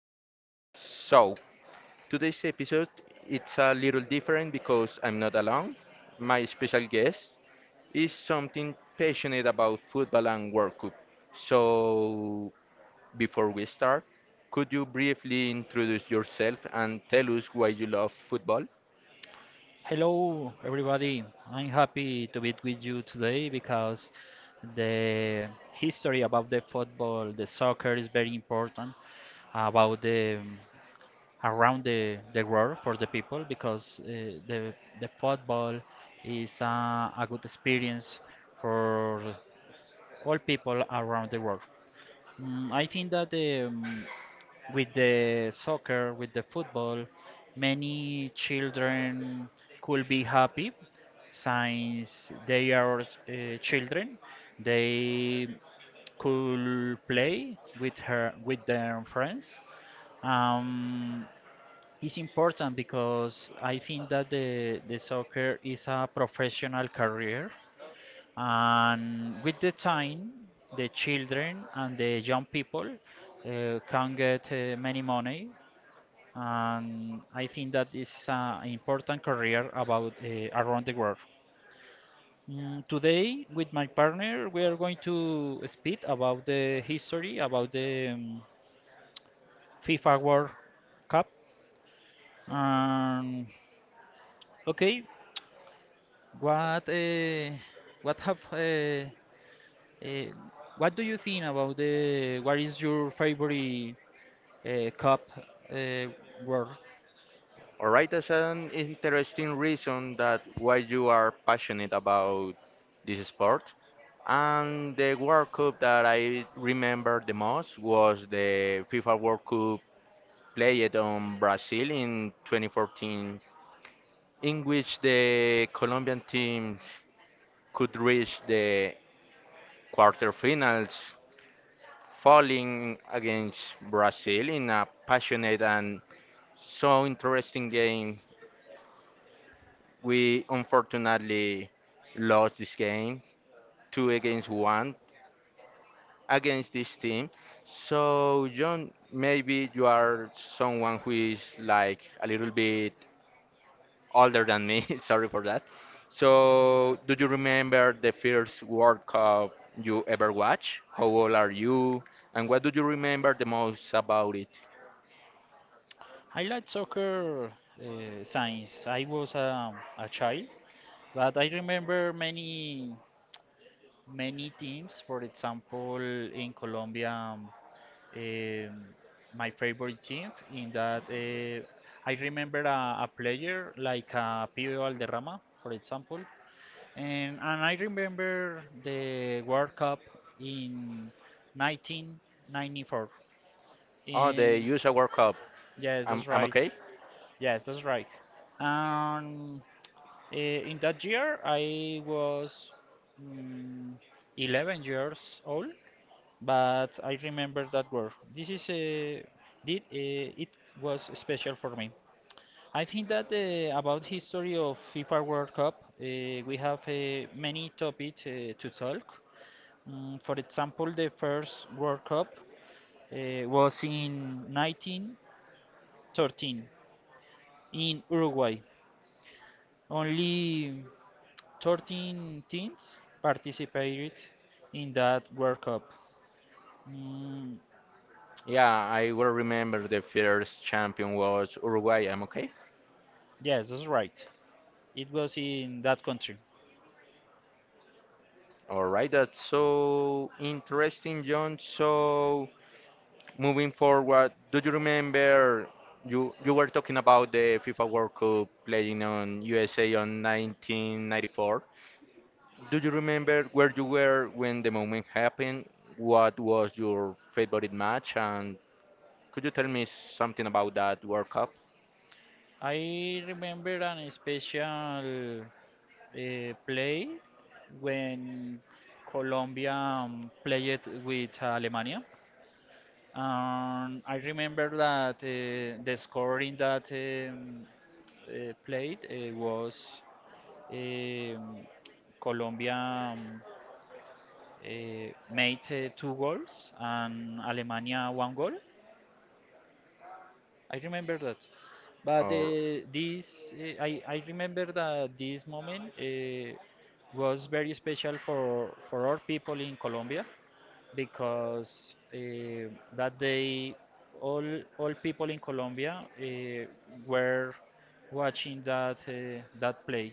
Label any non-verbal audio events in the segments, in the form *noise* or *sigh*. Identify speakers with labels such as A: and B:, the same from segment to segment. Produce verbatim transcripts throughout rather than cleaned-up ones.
A: topic. So today's episode, it's a little different because I'm not alone. My special guest is something passionate about football and World Cup. So before we start, could you briefly introduce yourself and tell us why you love football?
B: Hello, everybody. I'm happy to be with you today because the history about the football, the soccer is very important about the around the, the world for the people because uh, the the football is uh, a good experience for all people around the world. Mm, I think that um, with the soccer, with the football, many children could be happy since they are uh, children. They could play with her with their friends. Um, it's important because I think that the, the soccer is a professional career, and with the time, the children and the young people uh, can get uh, many money, and I think that this is an important career about uh, around the world. Mm, today, with my partner, we are going to speak about the history about the um, FIFA World Cup. Um, okay, what uh, what have uh, uh, what do you think about the what is your favorite uh, cup uh, world?
A: All right, that's an interesting reason that why you are passionate about this sport. And the World Cup that I remember the most was the FIFA World Cup played on Brazil in twenty fourteen, in which the Colombian team could reach the quarterfinals falling against Brazil in a passionate and so interesting game. We unfortunately lost this game, two against one against this team. So, John, maybe you are someone who is like a little bit older than me. *laughs* Sorry for that. So, do you remember the first World Cup you ever watched? How old are you? And what do you remember the most about it?
B: I like soccer uh, since I was um, a child. But I remember many many teams. For example, in Colombia, um, um, my favorite team. In that, uh, I remember a, a player like uh, Pibe Valderrama, for example, and and I remember the World Cup in nineteen ninety-four.
A: Oh, the
B: In
A: U S A World Cup.
B: yes,
A: I'm,
B: that's
A: I'm
B: right.
A: okay.
B: Yes, that's right. Um, Uh, in that year, I was mm, eleven years old, but I remember that word. This is a, did, uh, it was special for me. I think that uh, about history of FIFA World Cup, uh, we have uh, many topics uh, to talk. Mm, for example, the first World Cup uh, was in nineteen thirteen in Uruguay. Only thirteen teams participated in that World Cup. Mm,
A: Yeah, I will remember the first champion was Uruguay. I'm okay.
B: yes, that's right. It was in that country.
A: All right, that's so interesting, John. So moving forward, do you remember you you were talking about the FIFA World Cup playing on U S A on nineteen ninety-four? Do you remember where you were when the moment happened? What was your favorite match? And could you tell me something about that World Cup?
B: I remember an special uh, play when Colombia um, played with Alemania. And I remember that uh, the score in that um, uh, played uh, was um, Colombia um, uh, made uh, two goals and Alemania one goal. I remember that. But
A: Or
B: uh, this, uh, I, I remember that this moment uh, was very special for, for our people in Colombia because uh, that day all all people in Colombia uh, were watching that uh, that play.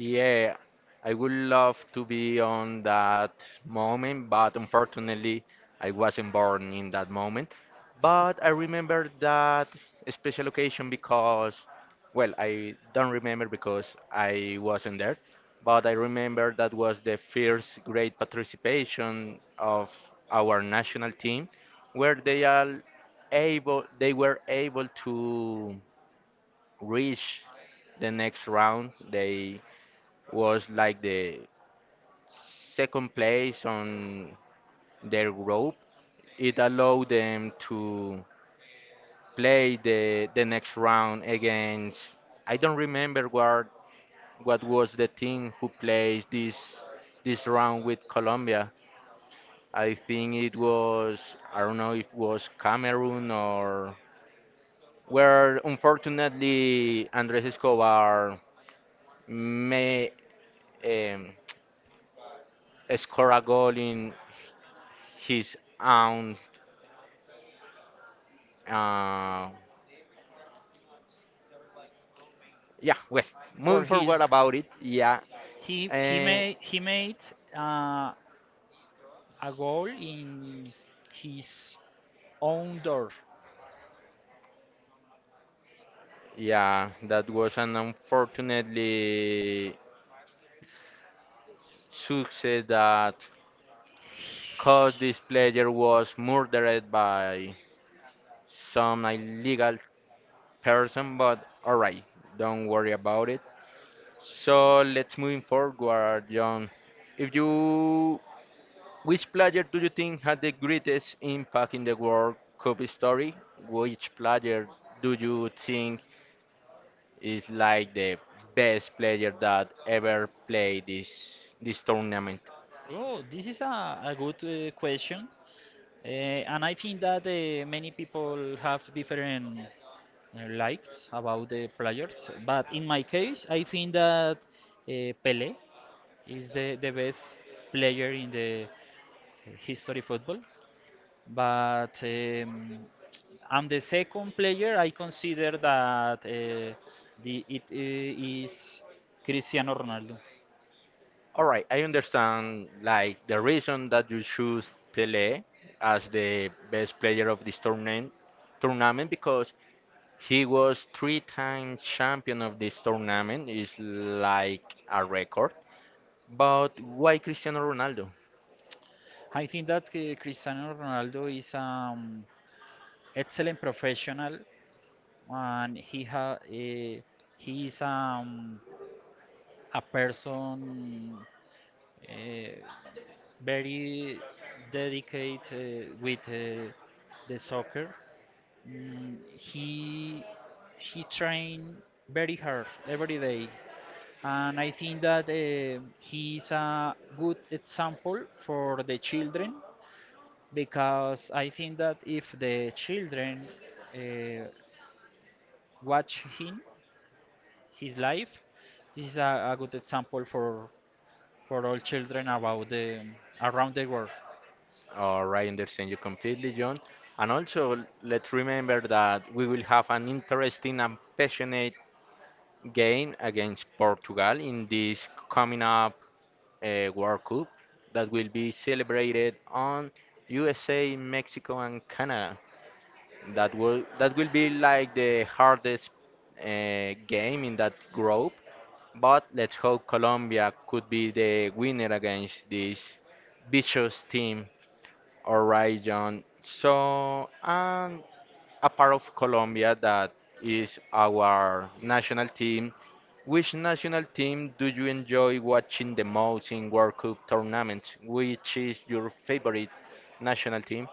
A: Yeah, I would love to be on that moment, but unfortunately, I wasn't born in that moment. But I remember that special occasion because, well, I don't remember because I wasn't there, but I remember that was the first great participation of our national team, where they are able, they were able to reach the next round. They was like the second place on their group. It allowed them to play the the next round against I don't remember what what was the team who plays this this round with Colombia. I think it was I don't know if it was Cameroon or where unfortunately Andres Escobar may um, score a goal in his own. Uh, yeah, well,
B: For
A: moving
B: his
A: forward about it, yeah,
B: he he
A: eh,
B: made he made uh, a goal in his own door.
A: yeah, that was an unfortunately success that caused this player was murdered by some illegal person, but alright, don't worry about it. So let's moving forward, John. If you, which player do you think had the greatest impact in the World Cup story? Which player do you think is like the best player that ever played this this tournament.
B: Oh, this is a, a good uh, question. Uh, and I think that uh, many people have different uh, likes about the players. But in my case, I think that uh, Pele is the, the best player in the uh, history football. But um, I'm the second player. I consider that uh, the it uh, is Cristiano Ronaldo.
A: All right, I understand like the reason that you choose Pelé as the best player of this tournament tournament because he was three time champion of this tournament is like a record. But why Cristiano Ronaldo?
B: I think that uh, Cristiano Ronaldo is um excellent professional, and he ha uh, he is um a person uh, very dedicated uh, with uh, the soccer. Mm, he he trained very hard every day, and I think that uh, he is a good example for the children, because I think that if the children uh, watch him, his life, this is a, a good example for for all children about the around the world.
A: All right, I understand you completely, John. And also, let's remember that we will have an interesting and passionate game against Portugal in this coming up uh, World Cup that will be celebrated on U S A, Mexico, and Canada. That will that will be like the hardest uh, game in that group. But let's hope Colombia could be the winner against this vicious team. All right, John. So, um, a part of Colombia that is our national team. Which national team do you enjoy watching the most in World Cup tournaments? Which is your favorite national team?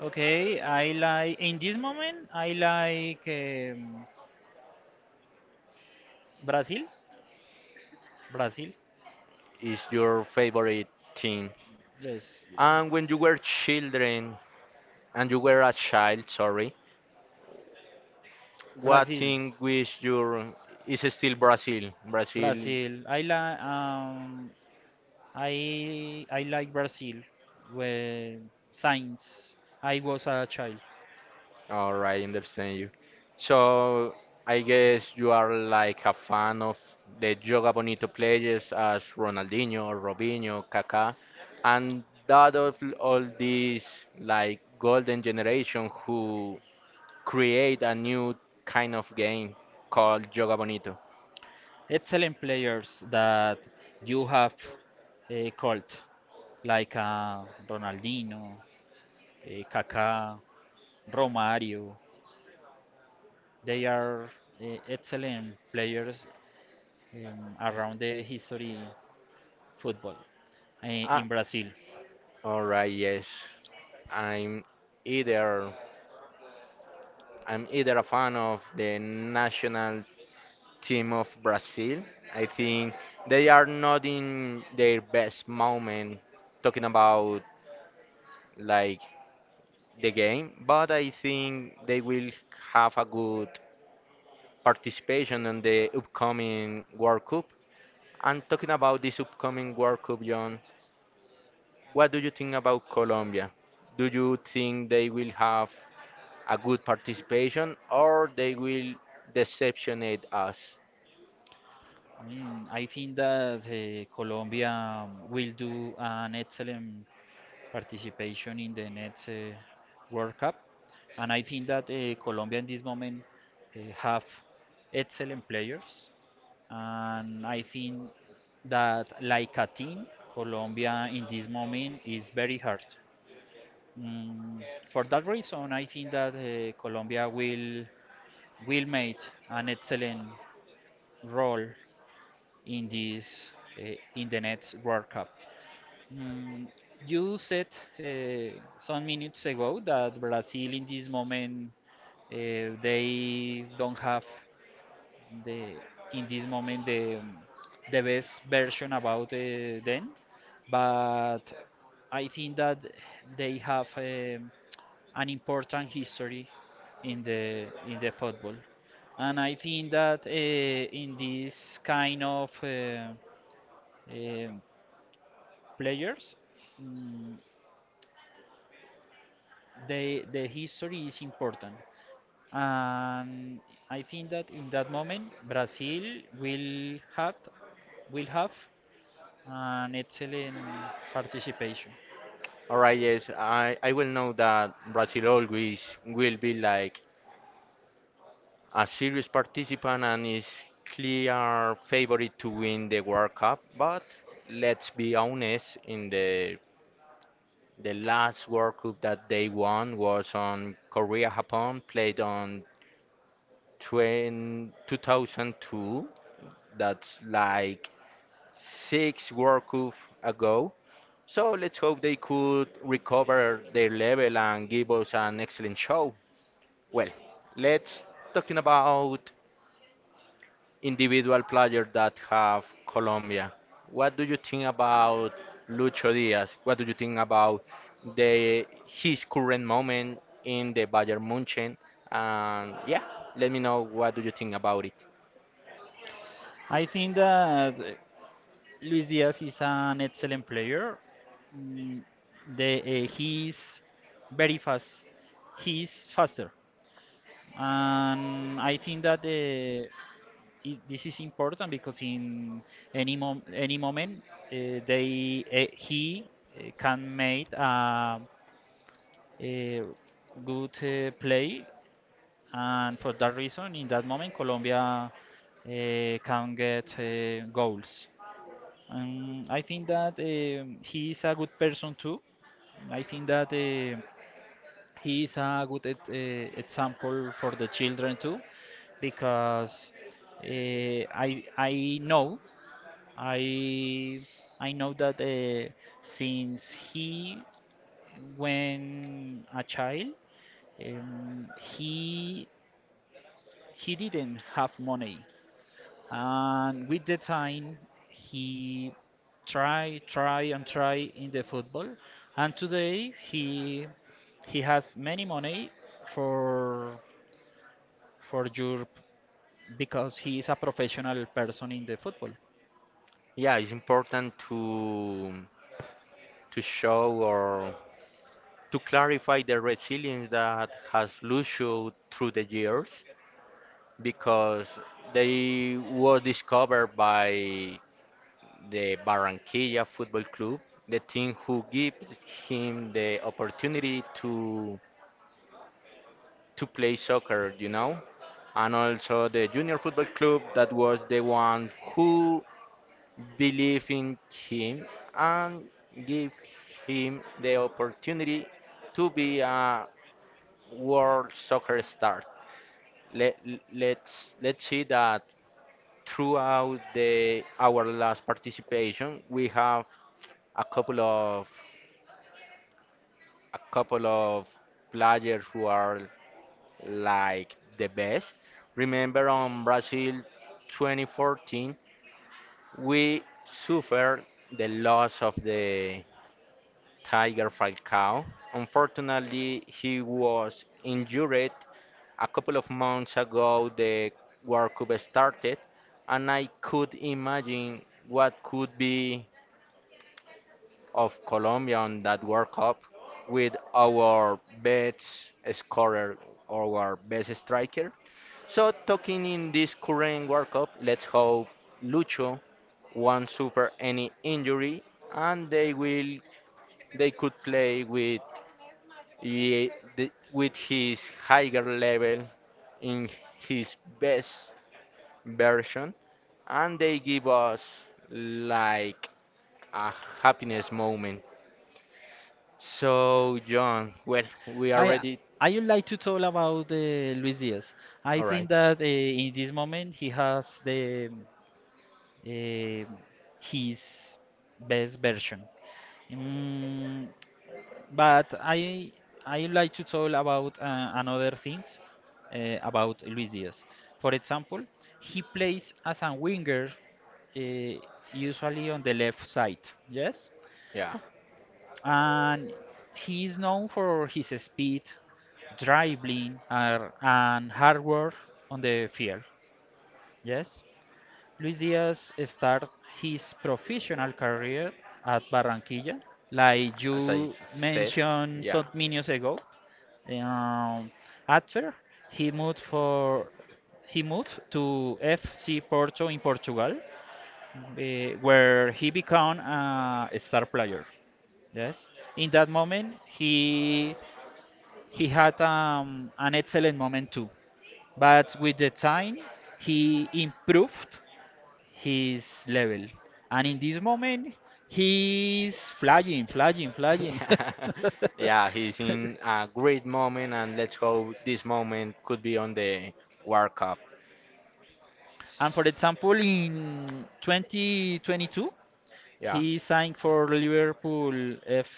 B: Okay, I like in this moment I like um, Brazil. Brazil,
A: Is your favorite team?
B: yes,
A: And when you were children, and you were a child, sorry, what
B: Brazil.
A: team was your? Is still Brazil? Brazil.
B: Brazil. I like um I I like Brazil when since I was a child.
A: All right, understand you. So I guess you are like a fan of the Joga Bonito players as Ronaldinho, Robinho, Kaká, and that of all these like golden generation who create a new kind of game called Joga Bonito.
B: Excellent players that you have uh, called, like uh, Ronaldinho, uh, Kaká, Romario. They are uh, excellent players um, around the history football in,
A: Ah,
B: in Brazil.
A: all right, yes. I'm either I'm either a fan of the national team of Brazil. I think they are not in their best moment talking about like the game, but I think they will have a good participation in the upcoming World Cup. And talking about this upcoming World Cup, John, what do you think about Colombia? Do you think they will have a good participation or they will deceptionate us?
B: I mean, I think that uh, Colombia will do an excellent participation in the next uh, World Cup, and I think that uh, Colombia in this moment uh, have excellent players, and I think that like a team, Colombia in this moment is very hard. Mm, for that reason, I think that uh, Colombia will will make an excellent role in this uh, in the next World Cup. Mm, you said uh, some minutes ago that Brazil in this moment uh, they don't have the in this moment the um, the best version about uh, them, but I think that they have um, an important history in the in the football, and I think that uh, in this kind of uh, um, players, mm, they, the history is important. And I think that in that moment, Brazil will have will have an excellent participation.
A: All right, yes, I, I will know that Brazil always will be like a serious participant and is clear favorite to win the World Cup. But let's be honest, in the the last World Cup that they won was on Korea Japan, played on twenty two thousand two. That's like six World Cup ago. So let's hope they could recover their level and give us an excellent show. Well, let's talking about individual players that have Colombia. What do you think about Lucho Diaz? What do you think about the his current moment in the Bayern Munchen? And yeah, let me know what do you think about it.
B: I think that uh, Luis Diaz is an excellent player. Mm, The, uh, he's very fast. He's faster, and I think that the i- this is important because in any mom any moment uh, they uh, he uh, can make a, a good uh, play, and for that reason, in that moment, Colombia uh, can get uh, goals. And I think that um he is a good person too. I think that uh, he is a good e- uh, example for the children too, because uh, I I know I I know that uh, since he when a child, um, he he didn't have money, and with the time he try try and try in the football, and today he he has many money for for Europe because he is a professional person in the football.
A: Yeah, it's important to to show or to clarify the resilience that has Lucio through the years because they was discovered by the Barranquilla Football Club, the team who gives him the opportunity to to play soccer, you know, and also the Junior Football Club that was the one who believed in him and gave him the opportunity to be a world soccer star. Let, let's let's see that throughout the our last participation we have a couple of a couple of players who are like the best. Remember on Brazil twenty fourteen, we suffered the loss of the Tiger Falcao. Unfortunately, he was injured a couple of months ago. The World Cup started, and I could imagine what could be of Colombia on that World Cup with our best scorer, our best striker. So talking in this current World Cup, let's hope Lucho won't suffer any injury and they will they could play with ye- the- with his higher level in his best version and they give us like a happiness moment. So, John, well, we are
B: I
A: ready.
B: I would like to talk about uh, Luis Diaz. I
A: All right.
B: think that uh, in this moment he has the uh, his best version. Mm, but I I would like to talk about uh, another things uh, about Luis Diaz. For example, he plays as a winger, uh, usually on the left side. Yes,
A: Yeah.
B: and he is known for his speed, dribbling, ar- and hard work on the field. Yes, Luis Diaz started his professional career at Barranquilla, like
A: As I
B: you
A: s- said,
B: mentioned
A: yeah.
B: some minutes ago. Um, after he moved for he moved to F C Porto in Portugal, eh, where he became a star player. Yes. In that moment, he he had um, an excellent moment too. But with the time, he improved his level. And in this moment, he's flying, flying, flying.
A: *laughs* Yeah, he's
B: *laughs*
A: in a great moment, and let's hope this moment could be on the World Cup.
B: And for example, in twenty twenty-two,
A: Yeah.
B: he signed for Liverpool F.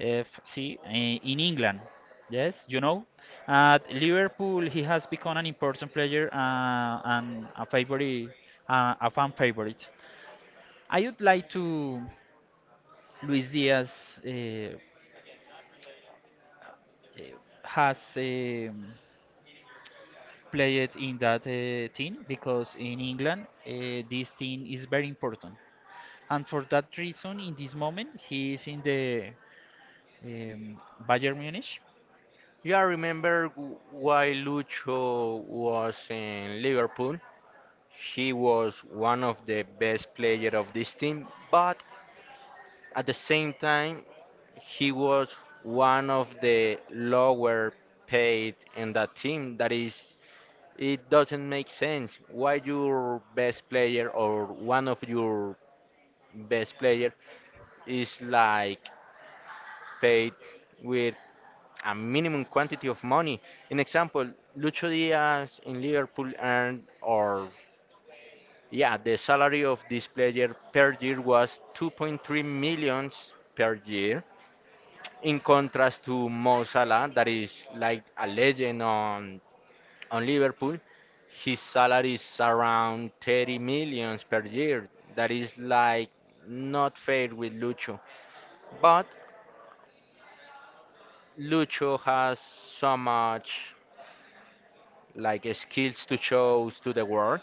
B: FC, eh, in England. Yes, you know, at Liverpool he has become an important player uh, and a favorite, uh, a fan favorite. I would like to Luis Diaz uh, uh, has um, played in that uh, team because in England uh, this team is very important, and for that reason, in this moment he is in the um, Bayern Munich.
A: Yeah, remember w- why Lucho was in Liverpool? He was one of the best players of this team, but at the same time, he was one of the lower paid in that team. That is, it doesn't make sense. Why your best player or one of your best player is like paid with a minimum quantity of money. In example, Lucho Diaz in Liverpool earned or yeah, the salary of this player per year was two point three millions per year in contrast to Mo Salah, that is like a legend on on Liverpool, his salary is around thirty millions per year. That is like not fair with Lucho. But Lucho has so much like uh, skills to show to the world.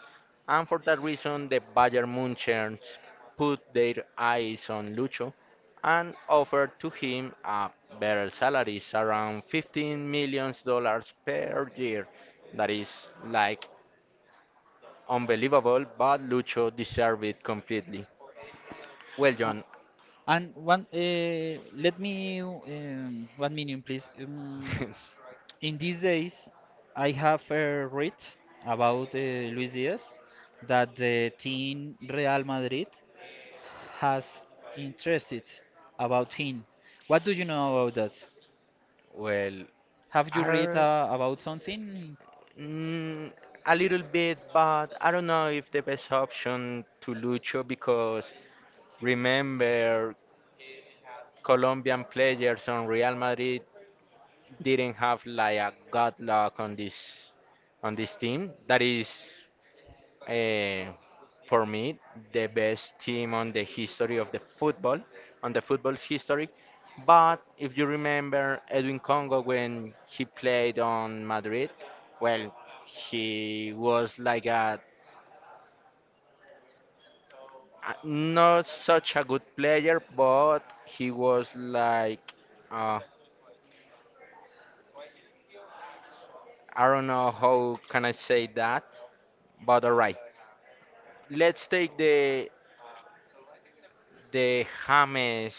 A: And for that reason, the Bayern Munchens put their eyes on Lucho and offered to him a better salary, around fifteen million dollars per year. That is like unbelievable, but Lucho deserved it completely. Well, John,
B: And one, uh, let me um, one minute, please. Um,
A: *laughs*
B: in these days, I have uh, read about uh, Luis Diaz that the team Real Madrid has interested about him. What do you know about that?
A: well,
B: Have you read
A: are
B: uh, about something?
A: mm, a little bit, but I don't know if the best option to Lucho because remember Colombian players on Real Madrid didn't have like a good luck on this on this team. That is, uh, for me, the best team on the history of the football, on the football history. But if you remember Edwin Congo when he played on Madrid, well, he was like a a- not such a good player, but he was like uh, I don't know how can I say that, but all right. Let's take the the James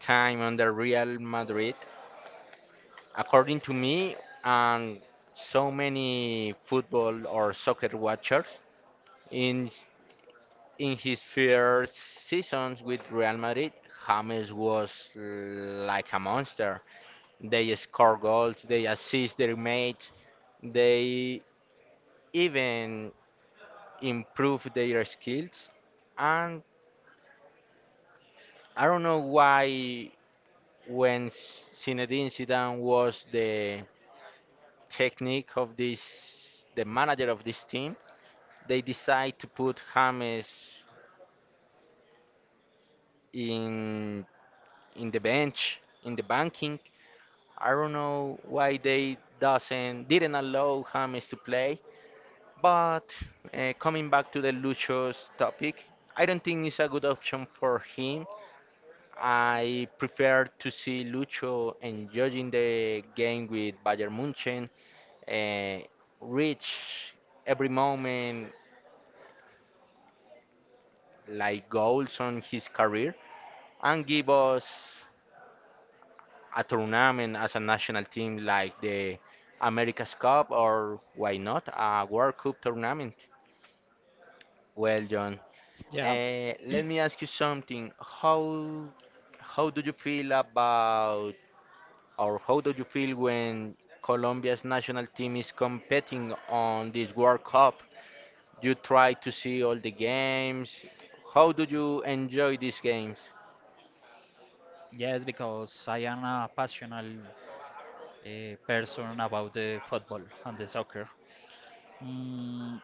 A: time on the Real Madrid. According to me and so many football or soccer watchers, in in his first seasons with Real Madrid, James was like a monster. They score goals, they assist their mates, they even improve their skills and I don't know why when Zinedine Zidane was the technique of this, the manager of this team, they decide to put James in in the bench, in the banking. I don't know why they doesn't didn't allow James to play. But uh, coming back to the Lucho's topic, I don't think it's a good option for him. I prefer to see Lucho enjoying the game with Bayern Munchen, uh, reach every moment like goals on his career, and give us a tournament as a national team like the America's Cup or why not a World Cup tournament. Well, John,
B: Yeah.
A: uh, let
B: *clears throat*
A: me ask you something. How how do you feel about or how do you feel when Colombia's national team is competing on this World Cup? You try to see all the games. How do you enjoy these games?
B: Yes, because I am a passionate uh, person about the football and the soccer. Mm,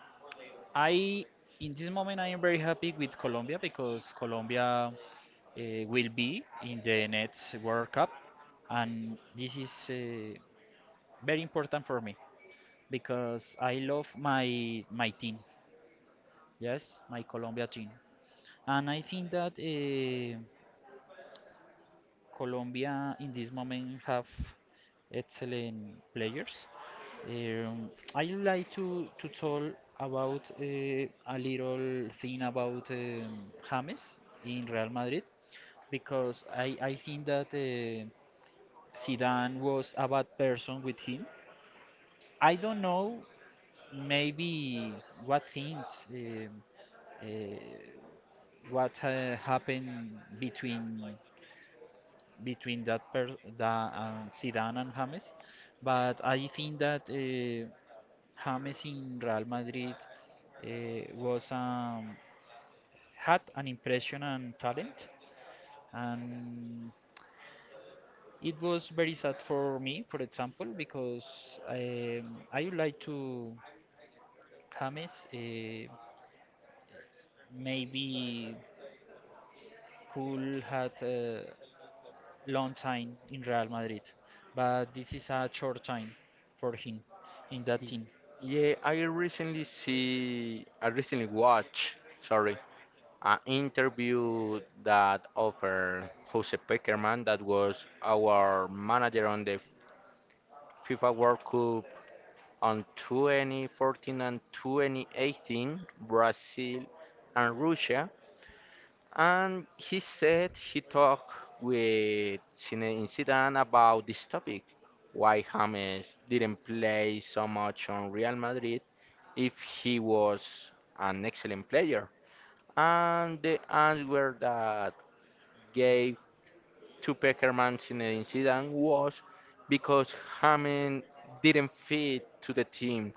B: I In this moment I am very happy with Colombia because Colombia uh, will be in the next World Cup, and this is uh, very important for me because I love my my team. Yes, my Colombia team, and I think that. Uh, Colombia in this moment have excellent players. Um, I like to to talk about uh, a little thing about um, James in Real Madrid because I, I think that uh, Zidane was a bad person with him. I don't know maybe what things um, uh, what uh, happened between between that per that and Zidane and James, but I think that uh, James in Real Madrid uh, was um, had an impression and talent, and it was very sad for me, for example, because I I would like to James uh, maybe could had a long time in Real Madrid, but this is a short time for him in that
A: Y-
B: team.
A: Yeah, I recently see, I recently watched, sorry, an interview that offered Jose Pekerman, that was our manager on the FIFA World Cup on twenty fourteen and twenty eighteen, Brazil and Russia. And he said he talked with Zinedine Zidane about this topic, why James didn't play so much on Real Madrid if he was an excellent player. And the answer that gave to Peckerman Zinedine Zidane was because James didn't fit to the team.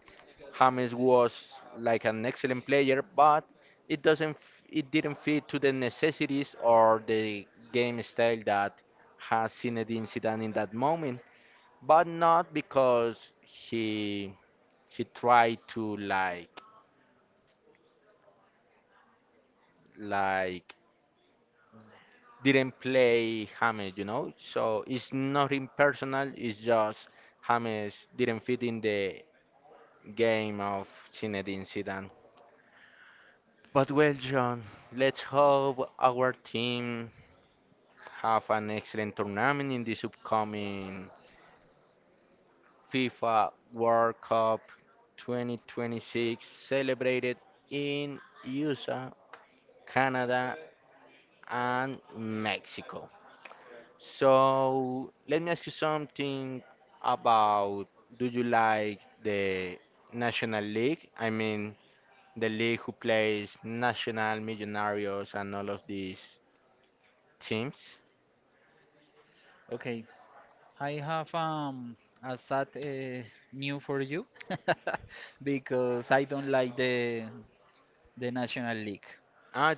A: James was like an excellent player, but it doesn't f- it didn't fit to the necessities or the game style that has Zinedine Zidane in that moment. But not because he he tried to like like didn't play James, you know. So it's not impersonal. It's just James didn't fit in the game of Zinedine Zidane. But well, John, let's hope our team have an excellent tournament in this upcoming FIFA World Cup twenty twenty-six celebrated in U S A, Canada, and Mexico. So let me ask you something about, do you like the National League? I mean, the league who plays National Millonarios and all of these teams.
B: Okay, I have um a sad uh, news for you *laughs* because I don't like the the National League.
A: Uh,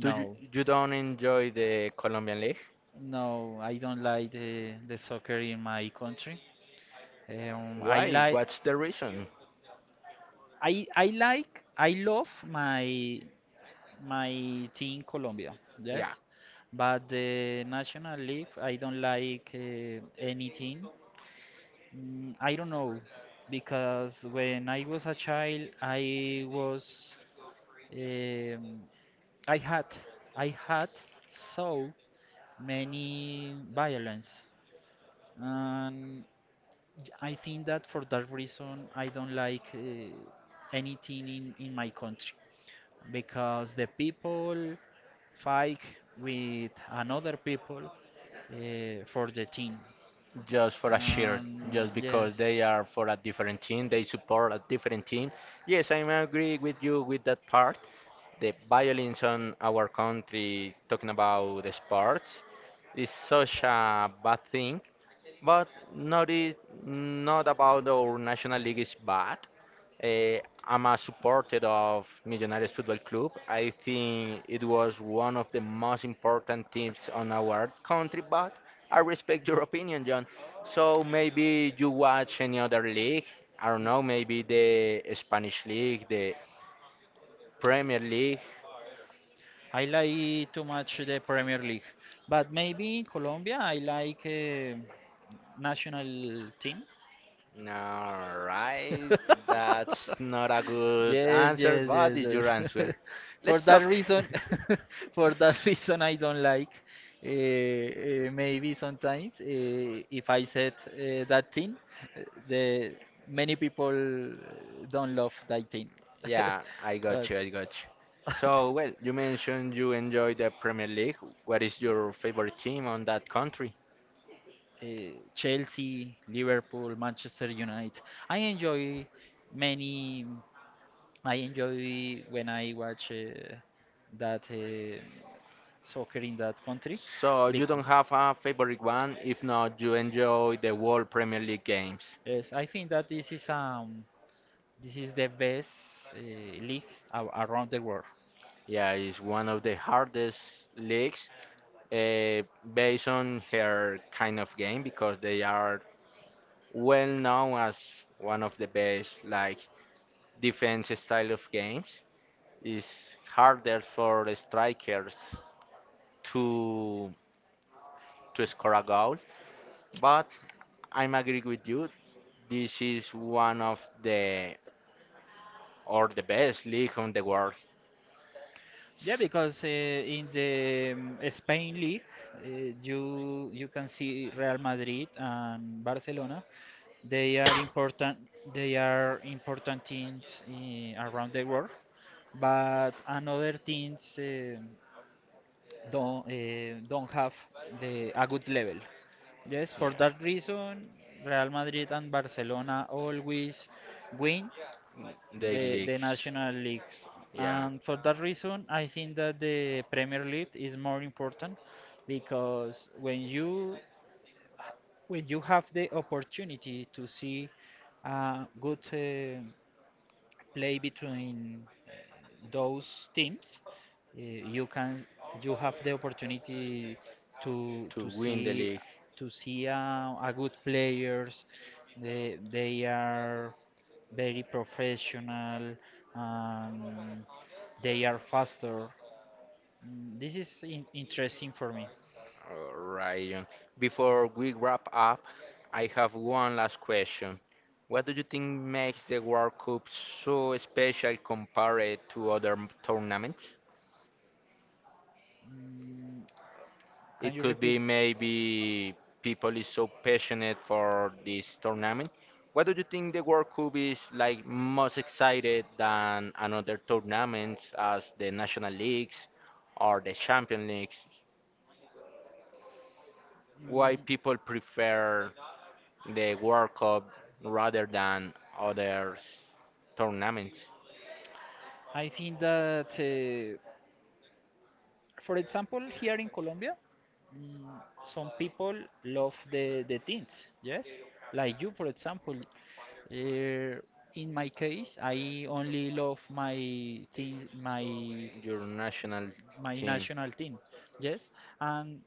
A: do you, you don't enjoy the Colombian League?
B: No, I don't like the the soccer in my country. Um, I
A: Why?
B: like
A: What's the reason?
B: I I like I love my my team Colombia.
A: Yeah,
B: Yes, but the National League I don't like uh, anything. Mm, I don't know because when I was a child, I was um, I had I had so many violence, and I think that for that reason I don't like uh, anything in in my country because the people fight with another people uh, for the team.
A: just for a shirt,
B: Um,
A: just because
B: yes.
A: they are for a different team, they support a different team. Yes, I agree with you with that part. The violence on our country, talking about the sports, is such a bad thing. But not it, not about our national league is bad. Uh, I'm a supporter of Millonarios Football Club. I think it was one of the most important teams on our country, but I respect your opinion, John. So maybe you watch any other league. I don't know, maybe the Spanish league, the Premier League.
B: I like too much the Premier League, but maybe in Colombia I like uh, national team.
A: All right, that's not
B: *laughs*
A: a good
B: Yes,
A: answer,
B: yes, yes,
A: but it's
B: yes.
A: your
B: *laughs*
A: answer.
B: For
A: Let's
B: that
A: talk. *laughs*
B: reason, *laughs* for that reason, I don't like. Uh, uh, maybe sometimes uh, if I said uh, that thing, uh, the many people don't love that thing. *laughs*
A: Yeah, I
B: But,
A: got you. I got you. So, well, you mentioned you enjoy the Premier League. What is your favorite team on that country?
B: uh, Chelsea, Liverpool, Manchester United. I enjoy many. I enjoy when I watch uh, that uh, soccer in that country
A: So, you don't
B: because
A: have a favorite one. If not, you enjoy the whole Premier League games.
B: yes, I think that this is um this is the best uh, league a around the world.
A: Yeah, it's one of the hardest leagues uh, based on her kind of game because they are well known as one of the best like defense style of games. It's harder for the strikers to to score a goal. But I'm agree with you. This is one of the or the best league on the world.
B: Yeah, because uh, in the um, Spain league, uh, you you can see Real Madrid and Barcelona. They are important. They are important things, eh, around the world, but another things eh, don't eh, don't have the a good level. Yes, for
A: Yeah,
B: that reason, Real Madrid and Barcelona always win
A: the
B: the the
A: leagues.
B: national leagues,
A: Yeah,
B: and for that reason, I think that the Premier League is more important because when you when you have the opportunity to see a good uh, play between uh, those teams, uh, you can you have the opportunity to
A: to
B: to
A: win the
B: see
A: league.
B: to see uh, a good players. They they are very professional and they are faster. Mm, This is in interesting for me.
A: Alright, John. Before we wrap up, I have one last question. What do you think makes the World Cup so special compared to other m- tournaments?
B: Mm, can
A: It
B: you
A: could be
B: repeat?
A: maybe people is so passionate for this tournament. What do you think the World Cup is like most excited than another tournaments as the National Leagues or the Champion Leagues?
B: Mm,
A: Why people prefer the World Cup rather than other tournaments?
B: I think that. Uh, for example, here in Colombia, mm, some people love the the things, yes, like you, for example. Uh, in my case, I only love my things, my
A: Your national
B: my
A: team,
B: national team. Yes, and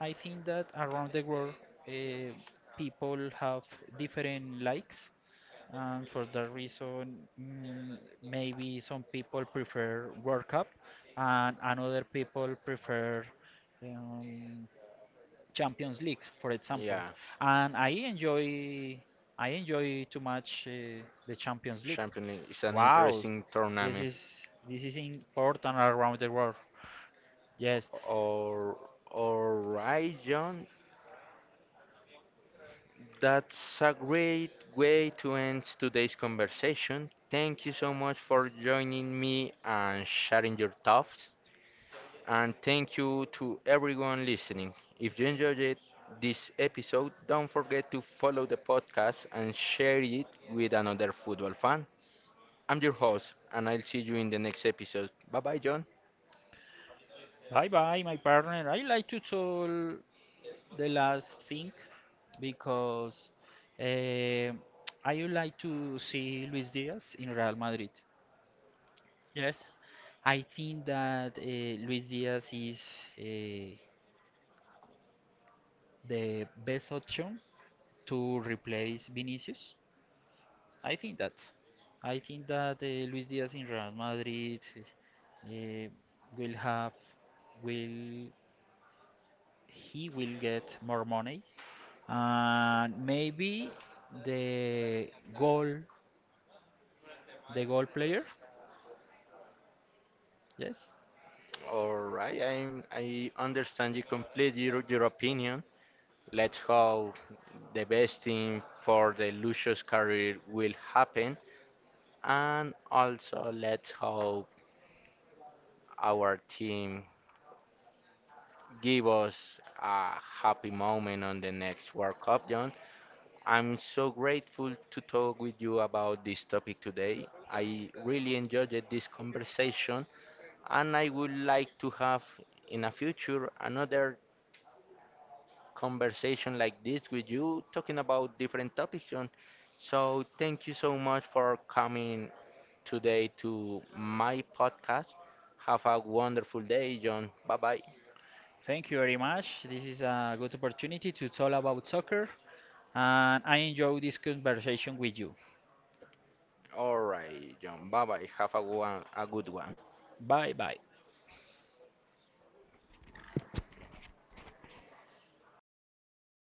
B: I think that around the world, uh, people have different likes, and for that reason, mm, maybe some people prefer World Cup, and another people prefer um, Champions League, for example.
A: yeah,
B: And I enjoy, I enjoy too much uh, the Champions League.
A: Champion League is an
B: Wow,
A: interesting
B: this
A: tournament.
B: is this is important around the world. Yes.
A: Or, all right, John, that's a great way to end today's conversation. Thank you so much for joining me and sharing your thoughts. And thank you to everyone listening. If you enjoyed it, this episode, don't forget to follow the podcast and share it with another football fan. I'm your host, and I'll see you in the next episode. Bye bye, John.
B: Hi, bye, my partner. I like to tell the last thing because eh, I would like to see Luis Diaz in Real Madrid. Yes, I think that eh, Luis Diaz is eh, the best option to replace Vinicius. I think that. I think that eh, Luis Diaz in Real Madrid, eh, will have will he will get more money, and maybe the goal the goal player, yes.
A: All right, I I understand you completely your, your opinion. Let's hope the best thing for the Lucius career will happen, and also let's hope our team give us a happy moment on the next World Cup, John. I'm so grateful to talk with you about this topic today. I really enjoyed it, this conversation, and I would like to have in a future another conversation like this with you, talking about different topics. On. So, thank you so much for coming today to my podcast. Have a wonderful day, John. Bye bye.
B: Thank you very much, this is a good opportunity to talk about soccer and I enjoy this conversation with you.
A: All right, John. Bye bye. Have a, one, a good one.
B: Bye bye.